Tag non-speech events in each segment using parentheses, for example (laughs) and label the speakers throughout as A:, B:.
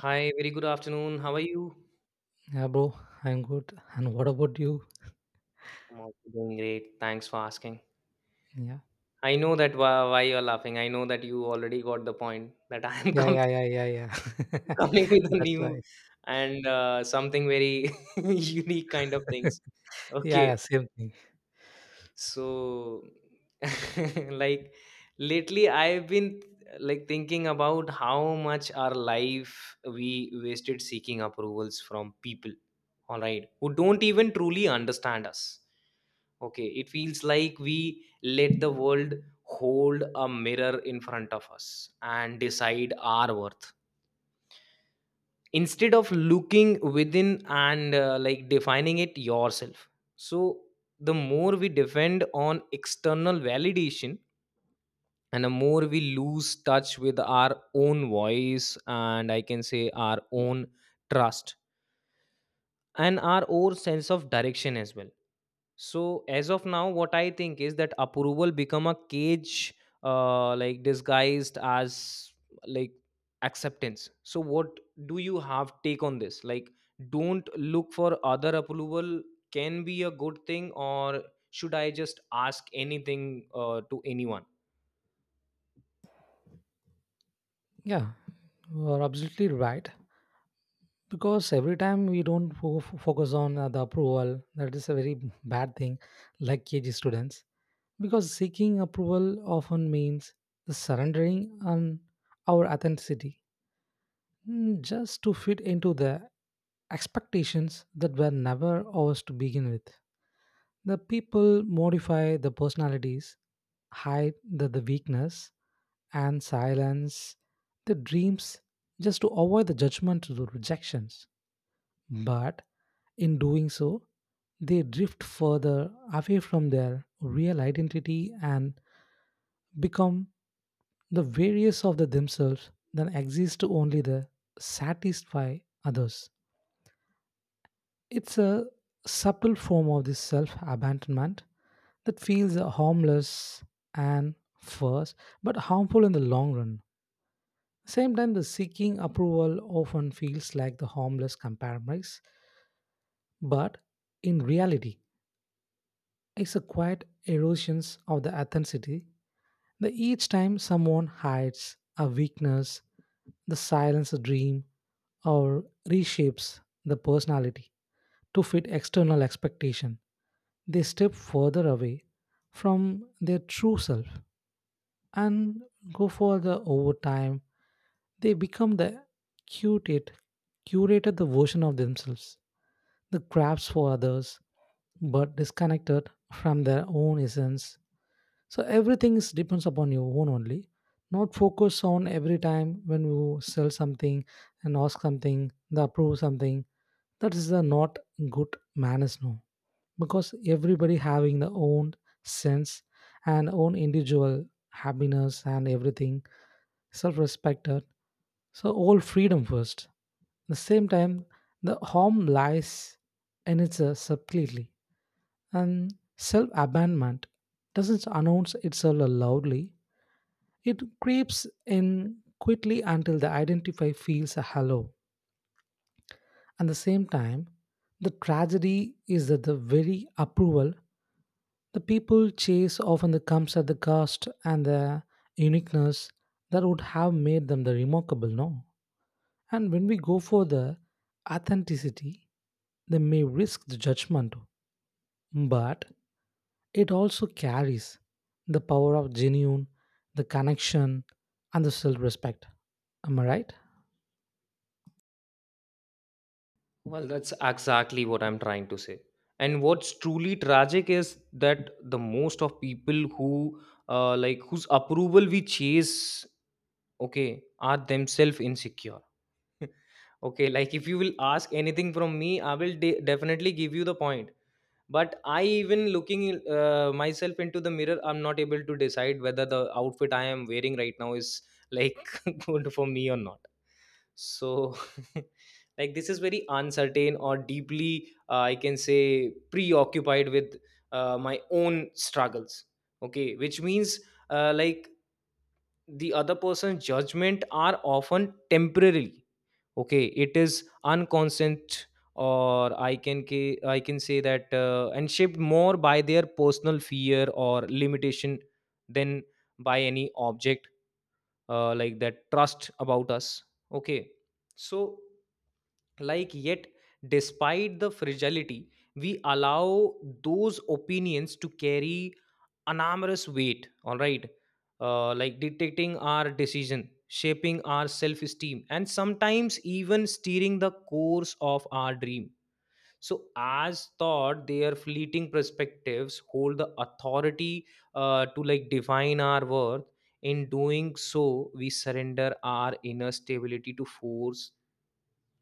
A: Hi, very good afternoon. How are you?
B: Yeah, bro, I'm good. And what about you?
A: I'm also doing great. Thanks for asking.
B: Yeah.
A: I know that why you're laughing. I know that you already got the point that (laughs) I am
B: Yeah,
A: coming
B: yeah, yeah, yeah, yeah.
A: (laughs)
B: (laughs)
A: coming with a
B: That's right.
A: new and something very (laughs) unique kind of things.
B: Yeah, yeah,
A: Okay.
B: same thing.
A: So, (laughs) like, lately I've been like thinking about how much our life we wasted seeking approvals from people, all right, who don't even truly understand us. Okay, it feels like we let the world hold a mirror in front of us and decide our worth instead of looking within and like defining it yourself. So the more we depend on external validation and the more we lose touch with our own voice, and I can say our own trust and our own sense of direction as well. So as of now, what I think is that approval become a cage, like disguised as like acceptance. So what do you have take on this? Like, don't look for other approval can be a good thing, or should I just ask anything to anyone?
B: Yeah, you're absolutely right. Because every time we don't focus on the approval, that is a very bad thing, like KG students. Because seeking approval often means the surrendering on our authenticity, just to fit into the expectations that were never ours to begin with. The people modify the personalities, hide the weakness, and silence the dreams just to avoid the judgment or rejections. But in doing so, they drift further away from their real identity and become the various of the themselves that exist to only the satisfy others. It's a subtle form of this self abandonment that feels harmless and first, but harmful in the long run. Same time, the seeking approval often feels like the harmless compromise, but in reality, it's a quiet erosion of the authenticity. That each time someone hides a weakness, the silence a dream, or reshapes the personality to fit external expectation, they step further away from their true self and go further over time. They become the curated, curated the version of themselves, the crafts for others, but disconnected from their own essence. So everything is depends upon your own only. Not focus on every time when you sell something and ask something, the approve something. That is the not good manners. No, because everybody having their own sense and own individual happiness and everything self-respect, so all freedom first. At the same time, the harm lies in its subtlety, and self-abandonment doesn't announce itself loudly. It creeps in quickly until the identify feels a hello. At the same time, the tragedy is that the very approval, the people chase often the comes at the cost and the uniqueness that would have made them the remarkable, no? And when we go for the authenticity, they may risk the judgment, but it also carries the power of genuine, the connection, and the self respect. Am I right?
A: Well, that's exactly what I'm trying to say. And what's truly tragic is that the most of people who like whose approval we chase, okay, are themselves insecure. (laughs) Okay, like if you will ask anything from me, I will definitely give you the point, but I even looking myself into the mirror, I'm not able to decide whether the outfit I am wearing right now is, like, (laughs) good for me or not. So (laughs) like this is very uncertain, or deeply, I can say, preoccupied with my own struggles, okay, which means like the other person's judgment are often temporary, okay, it is unconscious, or I can say that, and shaped more by their personal fear or limitation than by any object, like that trust about us, okay. So like, yet, despite the fragility, we allow those opinions to carry an armorous weight, all right, like dictating our decision, shaping our self-esteem, and sometimes even steering the course of our dream. So, as thought, their fleeting perspectives hold the authority to like define our worth. In doing so, we surrender our inner stability to force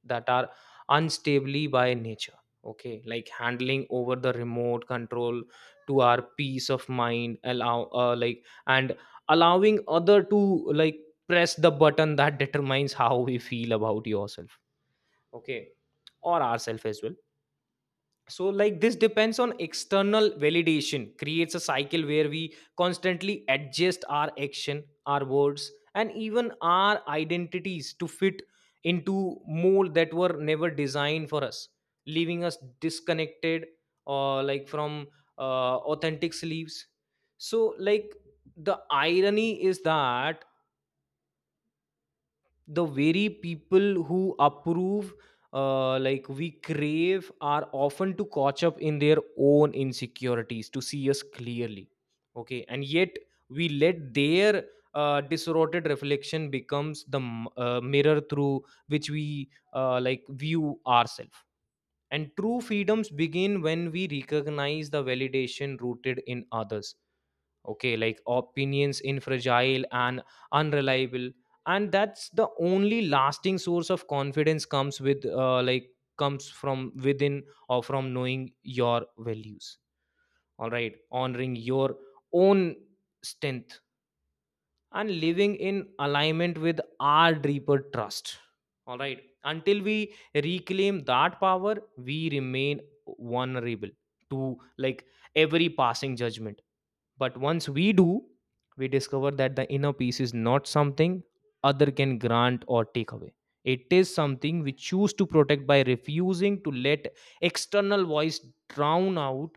A: that are unstably by nature, okay, like handling over the remote control to our peace of mind, allowing other to like press the button that determines how we feel about yourself, okay, or ourself as well. So like this depends on external validation creates a cycle where we constantly adjust our action, our words, and even our identities to fit into mold that were never designed for us, leaving us disconnected, or like from authentic sleeves. So like the irony is that the very people who approve, like we crave, are often to catch up in their own insecurities to see us clearly, okay, and yet we let their distorted reflection becomes the mirror through which we like view ourselves. And true freedoms begin when we recognize the validation rooted in others, okay, like opinions in fragile and unreliable, and that's the only lasting source of confidence comes from within, or from knowing your values, all right, honoring your own strength and living in alignment with our deeper trust, all right, until we reclaim that power we remain vulnerable to like every passing judgment. But once we do, we discover that the inner peace is not something other can grant or take away. It is something we choose to protect by refusing to let external voice drown out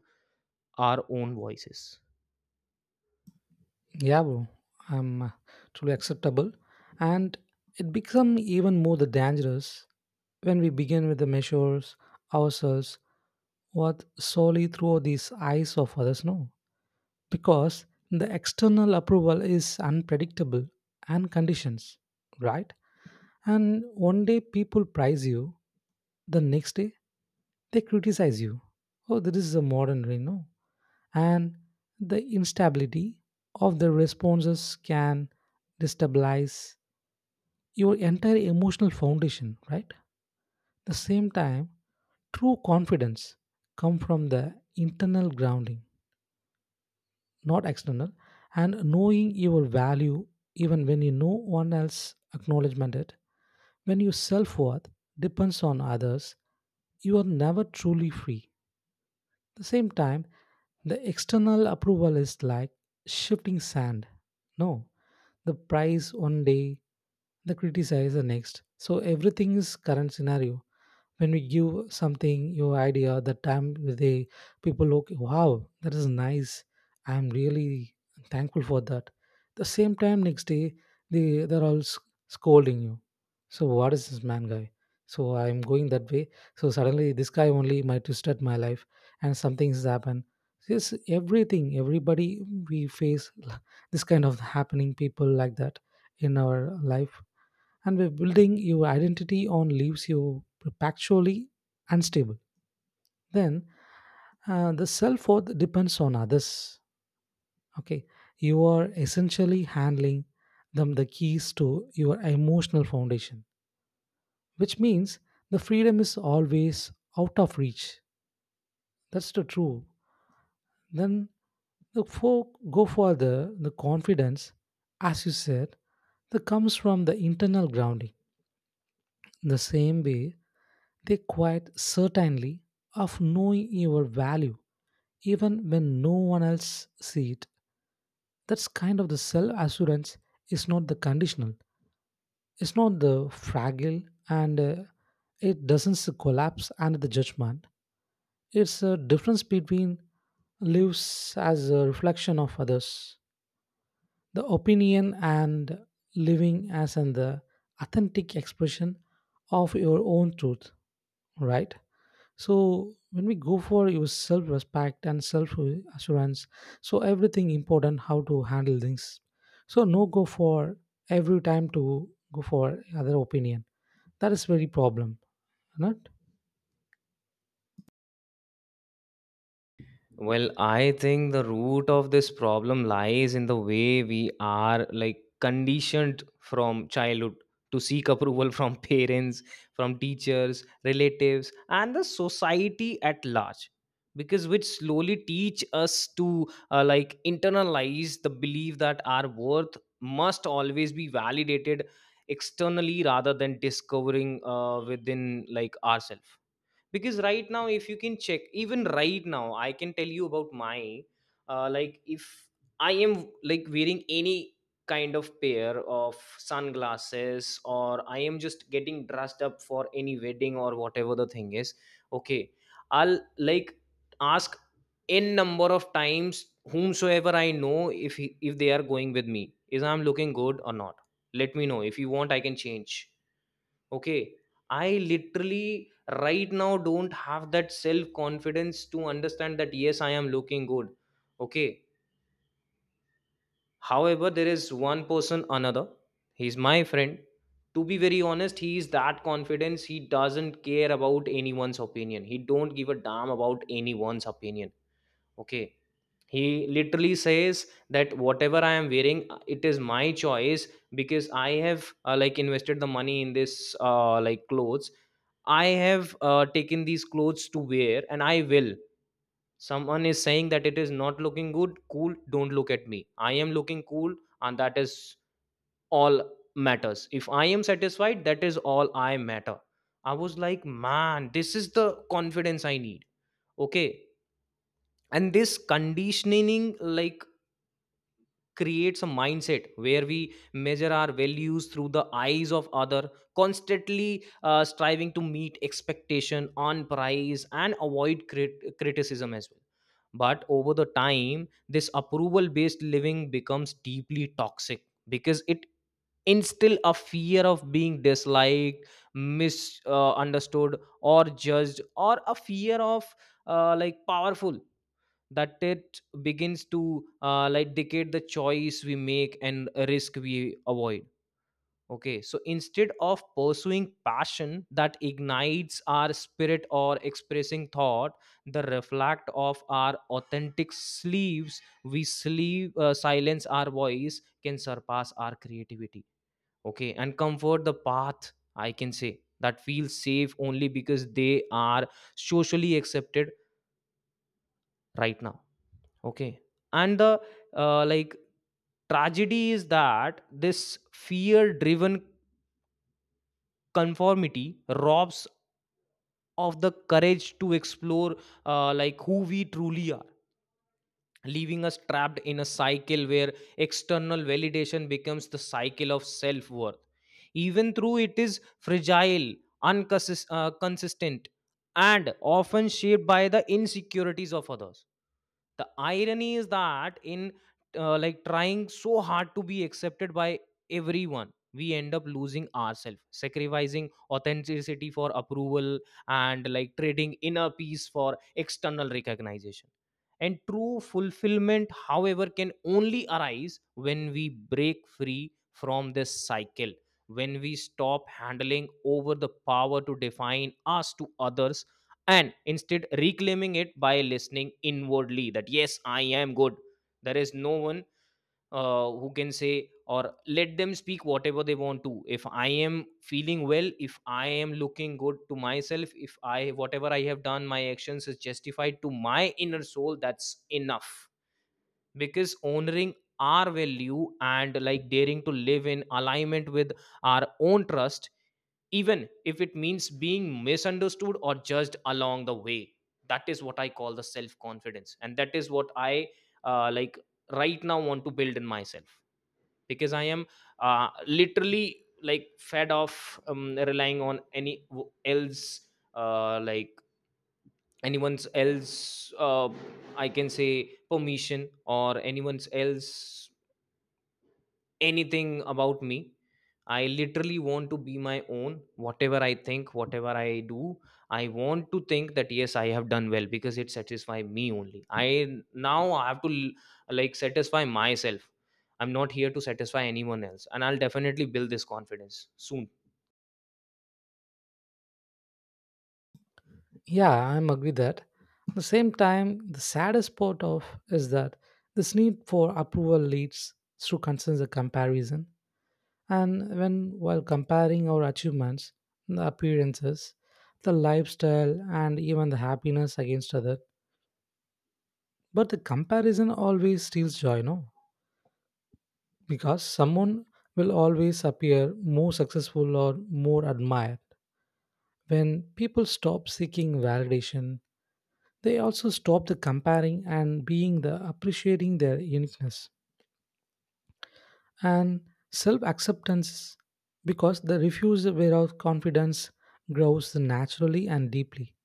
A: our own voices.
B: Yeah, bro, I'm truly acceptable, and it become even more the dangerous when we begin with the measures ourselves what solely through these eyes of others know, because the external approval is unpredictable and conditions, right? And one day people praise you, the next day they criticize you. Oh, this is a modern way, no? And the instability of the responses can destabilize your entire emotional foundation, right? The same time, true confidence come from the internal grounding, not external, and knowing your value even when you know one else acknowledgement it. When your self-worth depends on others, you are never truly free. The same time, the external approval is like shifting sand. No, the price one day, the criticize the next. So everything is current scenario. When we give something your idea the time, they people look, wow, that is nice. I'm really thankful for that. The same time, next day, they're all scolding you. So what is this, man, guy? So I'm going that way. So suddenly this guy only might twisted my life and something's happened. This everything, everybody, we face (laughs) this kind of happening people like that in our life. And by building your identity on leaves you perpetually unstable. Then, the self worth depends on others, okay, you are essentially handling them the keys to your emotional foundation, which means the freedom is always out of reach. That's the true. Then look for, go for the confidence, as you said, that comes from the internal grounding. The same way, they quite certainly of knowing your value even when no one else see it. That's kind of the self-assurance is not the conditional. It's not the fragile, and it doesn't collapse under the judgment. It's a difference between lives as a reflection of others. The opinion and living as an the authentic expression of your own truth, right? So when we go for your self-respect and self-assurance, so everything important how to handle things. So no go for every time to go for other opinion. That is very problem, not?
A: Well, I think the root of this problem lies in the way we are like conditioned from childhood to seek approval from (laughs) parents, from teachers, relatives, and the society at large. Because which slowly teach us to like internalize the belief that our worth must always be validated externally rather than discovering within like ourselves. Because right now, if you can check, even right now, I can tell you about my, like, if I am like wearing any kind of pair of sunglasses, or I am just getting dressed up for any wedding or whatever the thing is, okay, I'll like ask n number of times whomsoever I know, if if they are going with me, is I'm looking good or not. Let me know if you want, I can change. Okay, I literally right now don't have that self confidence to understand that yes, I am looking good. Okay, however, there is one person, another, he's my friend. To be very honest, he is that confidence. He doesn't care about anyone's opinion. He don't give a damn about anyone's opinion. Okay, he literally says that whatever I am wearing, it is my choice, because I have like invested the money in this, like, clothes. I have taken these clothes to wear, and I will someone is saying that it is not looking good, cool, don't look at me, I am looking cool, and that is all matters. If I am satisfied, that is all I matter. I was like, man, this is the confidence I need, okay. And this conditioning, like, creates a mindset where we measure our values through the eyes of other, constantly striving to meet expectation on price and avoid criticism as well. But over the time, this approval based living becomes deeply toxic because it instill a fear of being disliked, misunderstood, understood, or judged, or a fear of, like, powerful, that it begins to like dictate the choice we make and risk we avoid, okay. So instead of pursuing passion that ignites our spirit or expressing thought the reflect of our authentic sleeves, we sleep silence our voice, can surpass our creativity, okay, and comfort the path I can say that feels safe only because they are socially accepted right now. Okay. And the, like, tragedy is that this fear driven conformity robs of the courage to explore, like, who we truly are, leaving us trapped in a cycle where external validation becomes the cycle of self worth, even though it is fragile, unconsistent consistent, and often shaped by the insecurities of others. The irony is that, in like trying so hard to be accepted by everyone, we end up losing ourselves, sacrificing authenticity for approval, and like trading inner peace for external recognition. And true fulfillment, however, can only arise when we break free from this cycle, when we stop handling over the power to define us to others and instead reclaiming it by listening inwardly that yes, I am good. There is no one who can say, or let them speak whatever they want to, if I am feeling well, if I am looking good to myself, if I whatever I have done my actions is justified to my inner soul, that's enough. Because honoring our value and like daring to live in alignment with our own trust, even if it means being misunderstood or judged along the way, that is what I call the self confidence, and that is what I, like, right now want to build in myself, because I am, literally like, fed off, relying on uh, like anyone's else, I can say, permission, or anyone's else anything about me. I literally want to be my own. Whatever I think, whatever I do, I want to think that yes, I have done well because it satisfies me only. I now I have to like satisfy myself. I'm not here to satisfy anyone else, and I'll definitely build this confidence soon.
B: Yeah, I'm agree that. At the same time, the saddest part of is that this need for approval leads through concerns of comparison. And when while comparing our achievements, the appearances, the lifestyle, and even the happiness against other, but the comparison always steals joy, no? Because someone will always appear more successful or more admired. When people stop seeking validation, they also stop the comparing and being the appreciating their uniqueness and self acceptance, because the refusal where confidence grows naturally and deeply.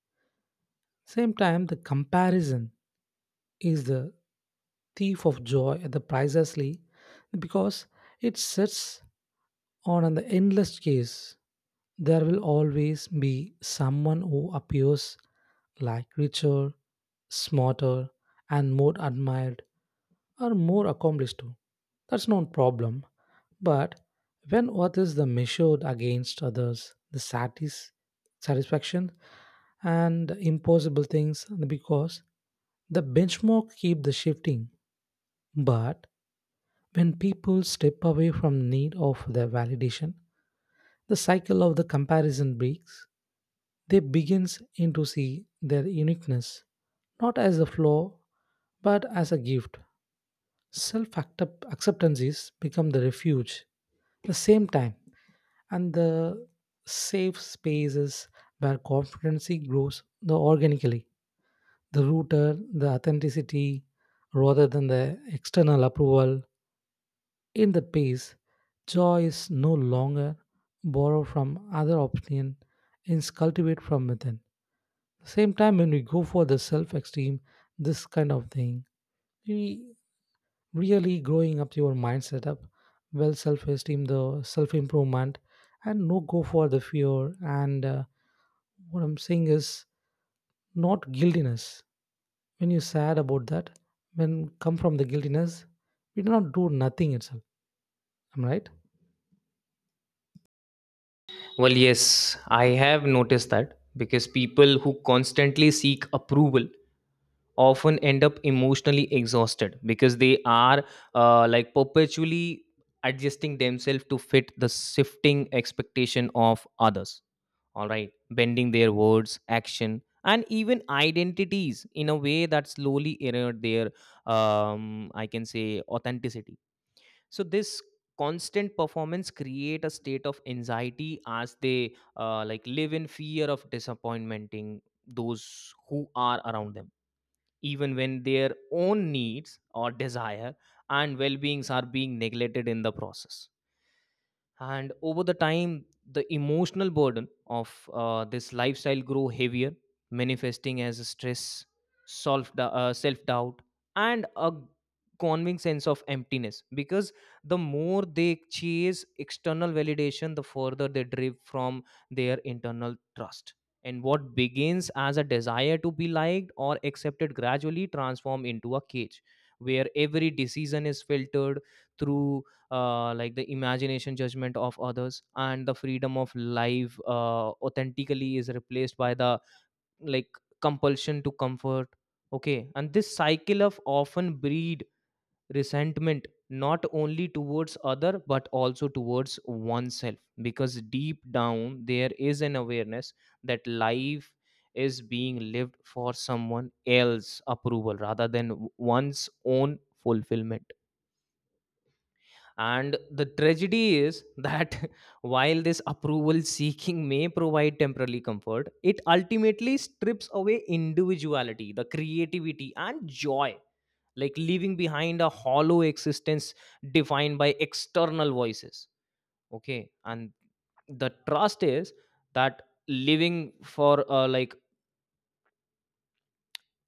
B: Same time, the comparison is the thief of joy at the pricelessly, because it sets or on the endless case, there will always be someone who appears like richer, smarter, and more admired or more accomplished too. That's not a problem. But when what is the measured against others, the satisfaction and impossible things, because the benchmark keep the shifting. But when people step away from need of their validation, the cycle of the comparison breaks. They begins in to see their uniqueness not as a flaw but as a gift. Self acceptance is become the refuge. The same time and the safe spaces where confidence grows the organically. The rooter, the authenticity rather than the external approval. In that pace, joy is no longer borrowed from other opinion and is cultivated from within. At the same time, when we go for the self-esteem, this kind of thing, we really growing up your mindset up. Well, self-esteem, the self-improvement, and no go for the fear. And what I'm saying is not guiltiness. When you sad about that, when come from the guiltiness, we do not do nothing itself. Am right?
A: Well, yes, I have noticed that because people who constantly seek approval often end up emotionally exhausted because they are like perpetually adjusting themselves to fit the shifting expectation of others, all right, bending their words, action and even identities in a way that slowly erode their, I can say, authenticity. So this constant performance create a state of anxiety as they, like, live in fear of disappointing those who are around them, even when their own needs or desire and well beings are being neglected in the process. And over the time, the emotional burden of this lifestyle grow heavier, manifesting as stress, self doubt, and a convincing sense of emptiness, because the more they chase external validation, the further they drift from their internal trust. And what begins as a desire to be liked or accepted gradually transform into a cage where every decision is filtered through the imagination judgment of others, and the freedom of life authentically is replaced by the, like, compulsion to comfort. Okay. And this cycle of often breed resentment, not only towards other but also towards oneself, because deep down there is an awareness that life is being lived for someone else approval rather than one's own fulfillment. And the tragedy is that (laughs) while this approval seeking may provide temporary comfort, it ultimately strips away individuality, the creativity, and joy, like leaving behind a hollow existence defined by external voices. Okay. And the trust is that living for, like,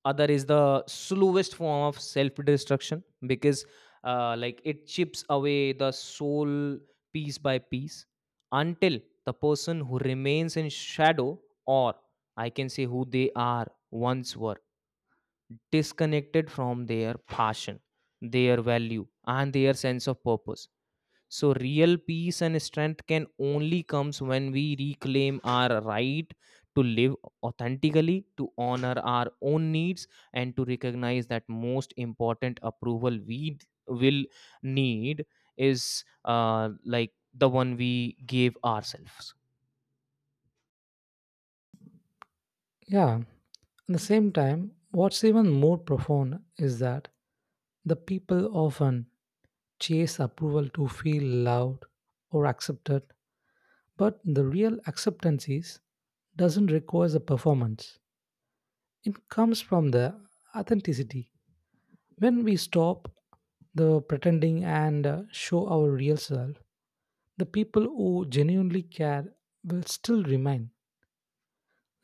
A: other is the slowest form of self destruction, because like it chips away the soul piece by piece until the person who remains in shadow, or I can say who they are once were, disconnected from their passion, their value, and their sense of purpose. So real peace and strength can only comes when we reclaim our right to live authentically, to honor our own needs, and to recognize that most important approval we will need is like the one we gave ourselves.
B: Yeah. At the same time, what's even more profound is that the people often chase approval to feel loved or accepted, but the real acceptance is doesn't require a performance. It comes from the authenticity. When we stop the pretending and show our real self, the people who genuinely care will still remain.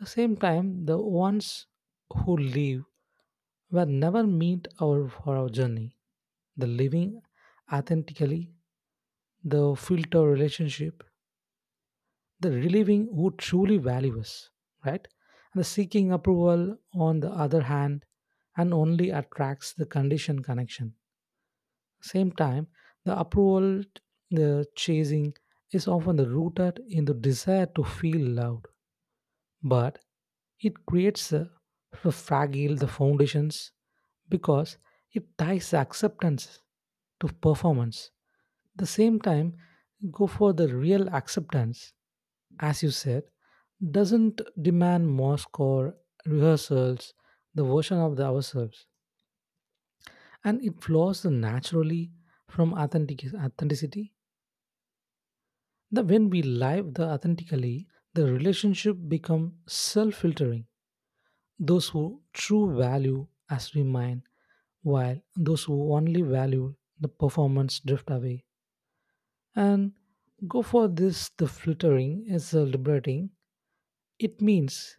B: At the same time, the ones who leave were never meant our, for our journey. The living authentically, the filter relationship, the relieving who truly value us, right? And the seeking approval, on the other hand, and only attracts the conditioned connection. Same time, the approval, the chasing is often the rooted in the desire to feel loved, but it creates a fragile the foundations, because it ties acceptance to performance. The same time, go for the real acceptance, as you said, doesn't demand mosque or rehearsals, the version of the ourselves, and it flows naturally from authentic authenticity. The when we live the authentically, the relationship become self-filtering. Those who true value as we mine, while those who only value the performance drift away. And go for this the filtering is a liberating. It means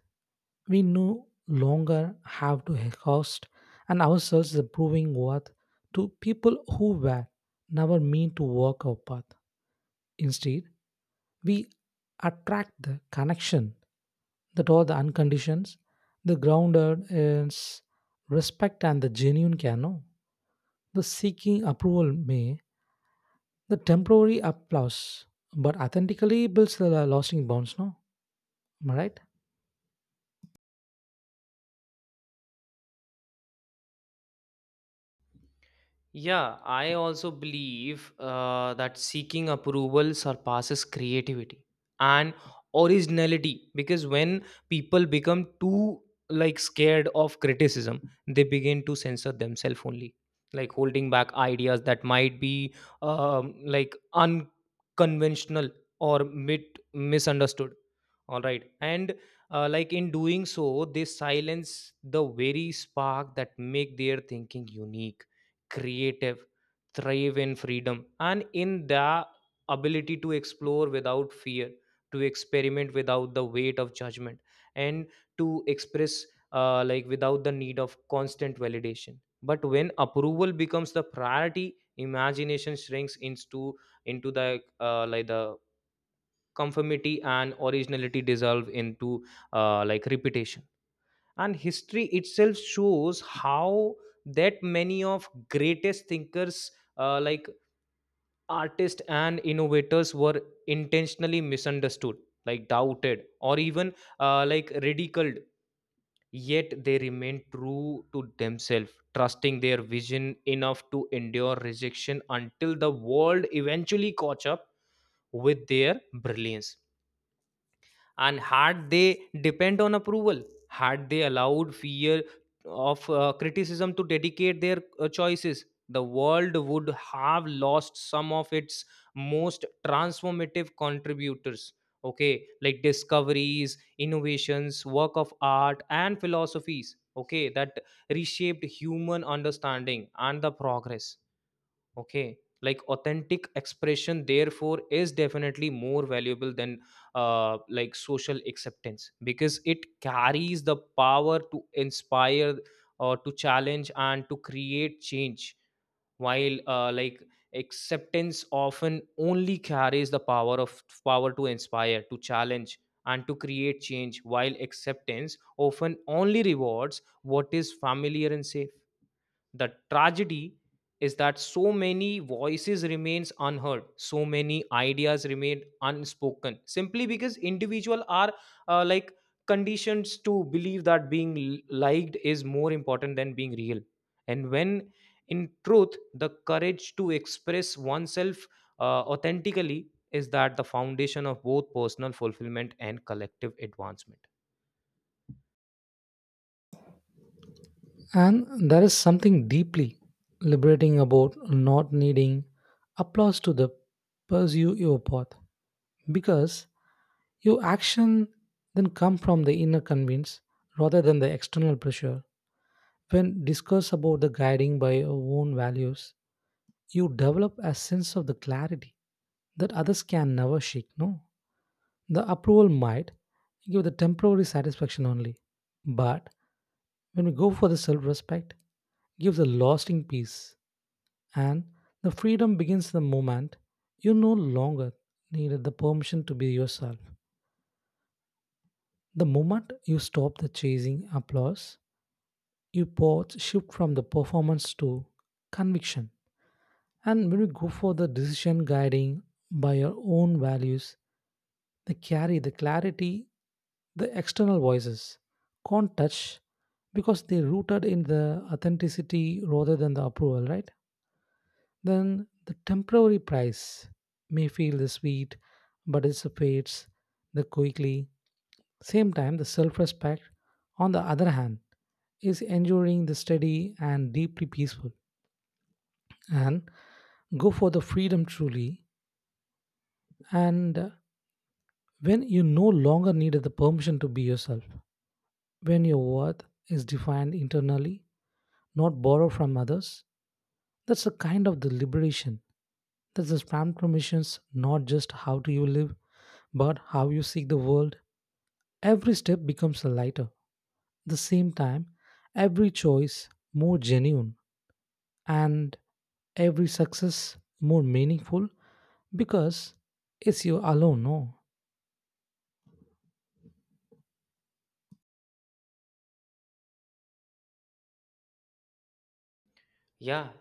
B: we no longer have to host and ourselves the proving worth to people who were never mean to walk our path. Instead, we attract the connection that all the unconditions, the grounded is respect and the genuine care. No, the seeking approval may the temporary applause, but authentically builds the lasting bonds. No, am I right?
A: Yeah, I also believe that seeking approval surpasses creativity and originality, because when people become too, like, scared of criticism, they begin to censor themselves only, like holding back ideas that might be, like, unconventional or bit misunderstood. All right. And, like, in doing so, they silence the very spark that make their thinking unique, creative, thrive in freedom, and in the ability to explore without fear, to experiment without the weight of judgment, and to express, like, without the need of constant validation. But when approval becomes the priority, imagination shrinks into the conformity, and originality dissolve into, like, repetition. And history itself shows how that many of greatest thinkers, like artists and innovators, were intentionally misunderstood, like doubted, or even, like, ridiculed, yet they remained true to themselves, trusting their vision enough to endure rejection until the world eventually caught up with their brilliance. And had they depend on approval, had they allowed fear of criticism to dedicate their choices, the world would have lost some of its most transformative contributors. Okay, like discoveries, innovations, work of art and philosophies, okay, that reshaped human understanding and the progress. Okay, like authentic expression therefore is definitely more valuable than, like, social acceptance, because it carries the power to inspire, or to challenge and to create change, while, like, acceptance often only carries the power of power to inspire, to challenge, and to create change, while acceptance often only rewards what is familiar and safe. The tragedy is that so many voices remains unheard, so many ideas remain unspoken, simply because individuals are, like, conditioned to believe that being liked is more important than being real. And when, in truth, the courage to express oneself authentically is that the foundation of both personal fulfillment and collective advancement.
B: And there is something deeply liberating about not needing applause to the pursue your path, because your action then come from the inner convince rather than the external pressure. When discussed about the guiding by your own values, you develop a sense of the clarity that others can never shake. No, the approval might give the temporary satisfaction only, but when we go for the self respect, gives a lasting peace, and the freedom begins the moment you no longer needed the permission to be yourself. The moment you stop the chasing applause, your thoughts shift from the performance to conviction. And when we go for the decision guiding by our own values, they carry the clarity the external voices can't touch, because they're rooted in the authenticity rather than the approval, right? Then the temporary price may feel the sweet, but it fades the quickly. Same time, the self-respect, on the other hand, is enduring the steady and deeply peaceful. And go for the freedom truly, and when you no longer need the permission to be yourself, when your worth is defined internally, not borrowed from others, that's a kind of the liberation. That's the spam permissions not just how do you live but how you see the world. Every step becomes a lighter. The same time, every choice more genuine, and every success more meaningful, because it's you alone, no?
A: Yeah,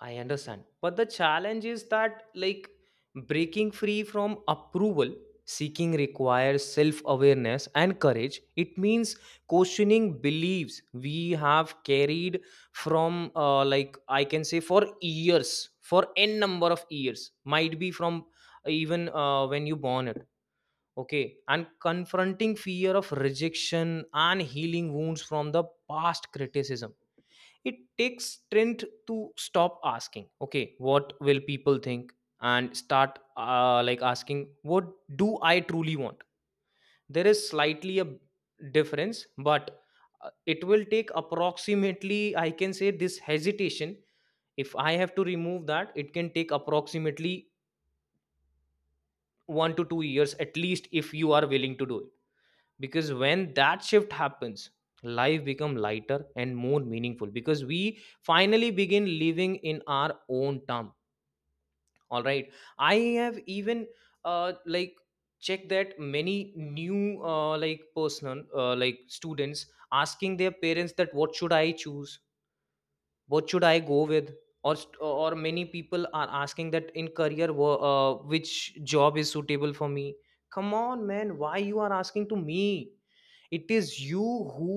A: I understand. But the challenge is that, like, breaking free from approval seeking requires self awareness and courage. It means questioning beliefs we have carried from, like, I can say, for years, for n number of years, might be from even when you born it. Okay. And confronting fear of rejection and healing wounds from the past criticism, it takes strength to stop asking, okay, what will people think, and start, like, asking what do I truly want. There is slightly a difference, but it will take approximately, I can say, this hesitation, if I have to remove that, it can take approximately 1 to 2 years at least if you are willing to do it. Because when that shift happens, life become lighter and more meaningful, because we finally begin living in our own term. All right. I have even, like, checked that many new, like, personal, like, students asking their parents that what should I choose, what should I go with, or many people are asking that in career which job is suitable for me. Come on, man, why you are asking to me? It is you who,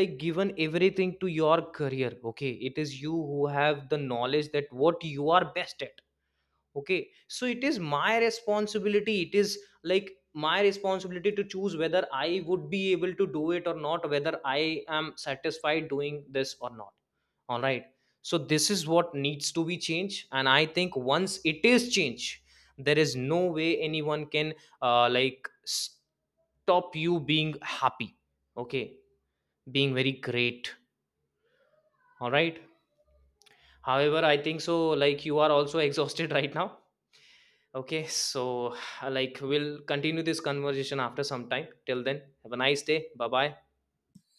A: like, given everything to your career. Okay, it is you who have the knowledge that what you are best at. Okay, so it is my responsibility, it is, like, my responsibility to choose whether I would be able to do it or not, whether I am satisfied doing this or not. All right. So this is what needs to be changed, and I think once it is changed, there is no way anyone can, like, stop you being happy. Okay. Being very great. All right. However, I think so, like, you are also (laughs) exhausted right now. Okay, so (sighs) like we'll continue this conversation after some time. Till then, have a nice day. Bye bye.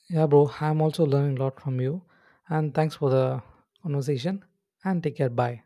B: Yeah, bro, I'm also learning a lot from you. And thanks for the conversation. And take care. Bye.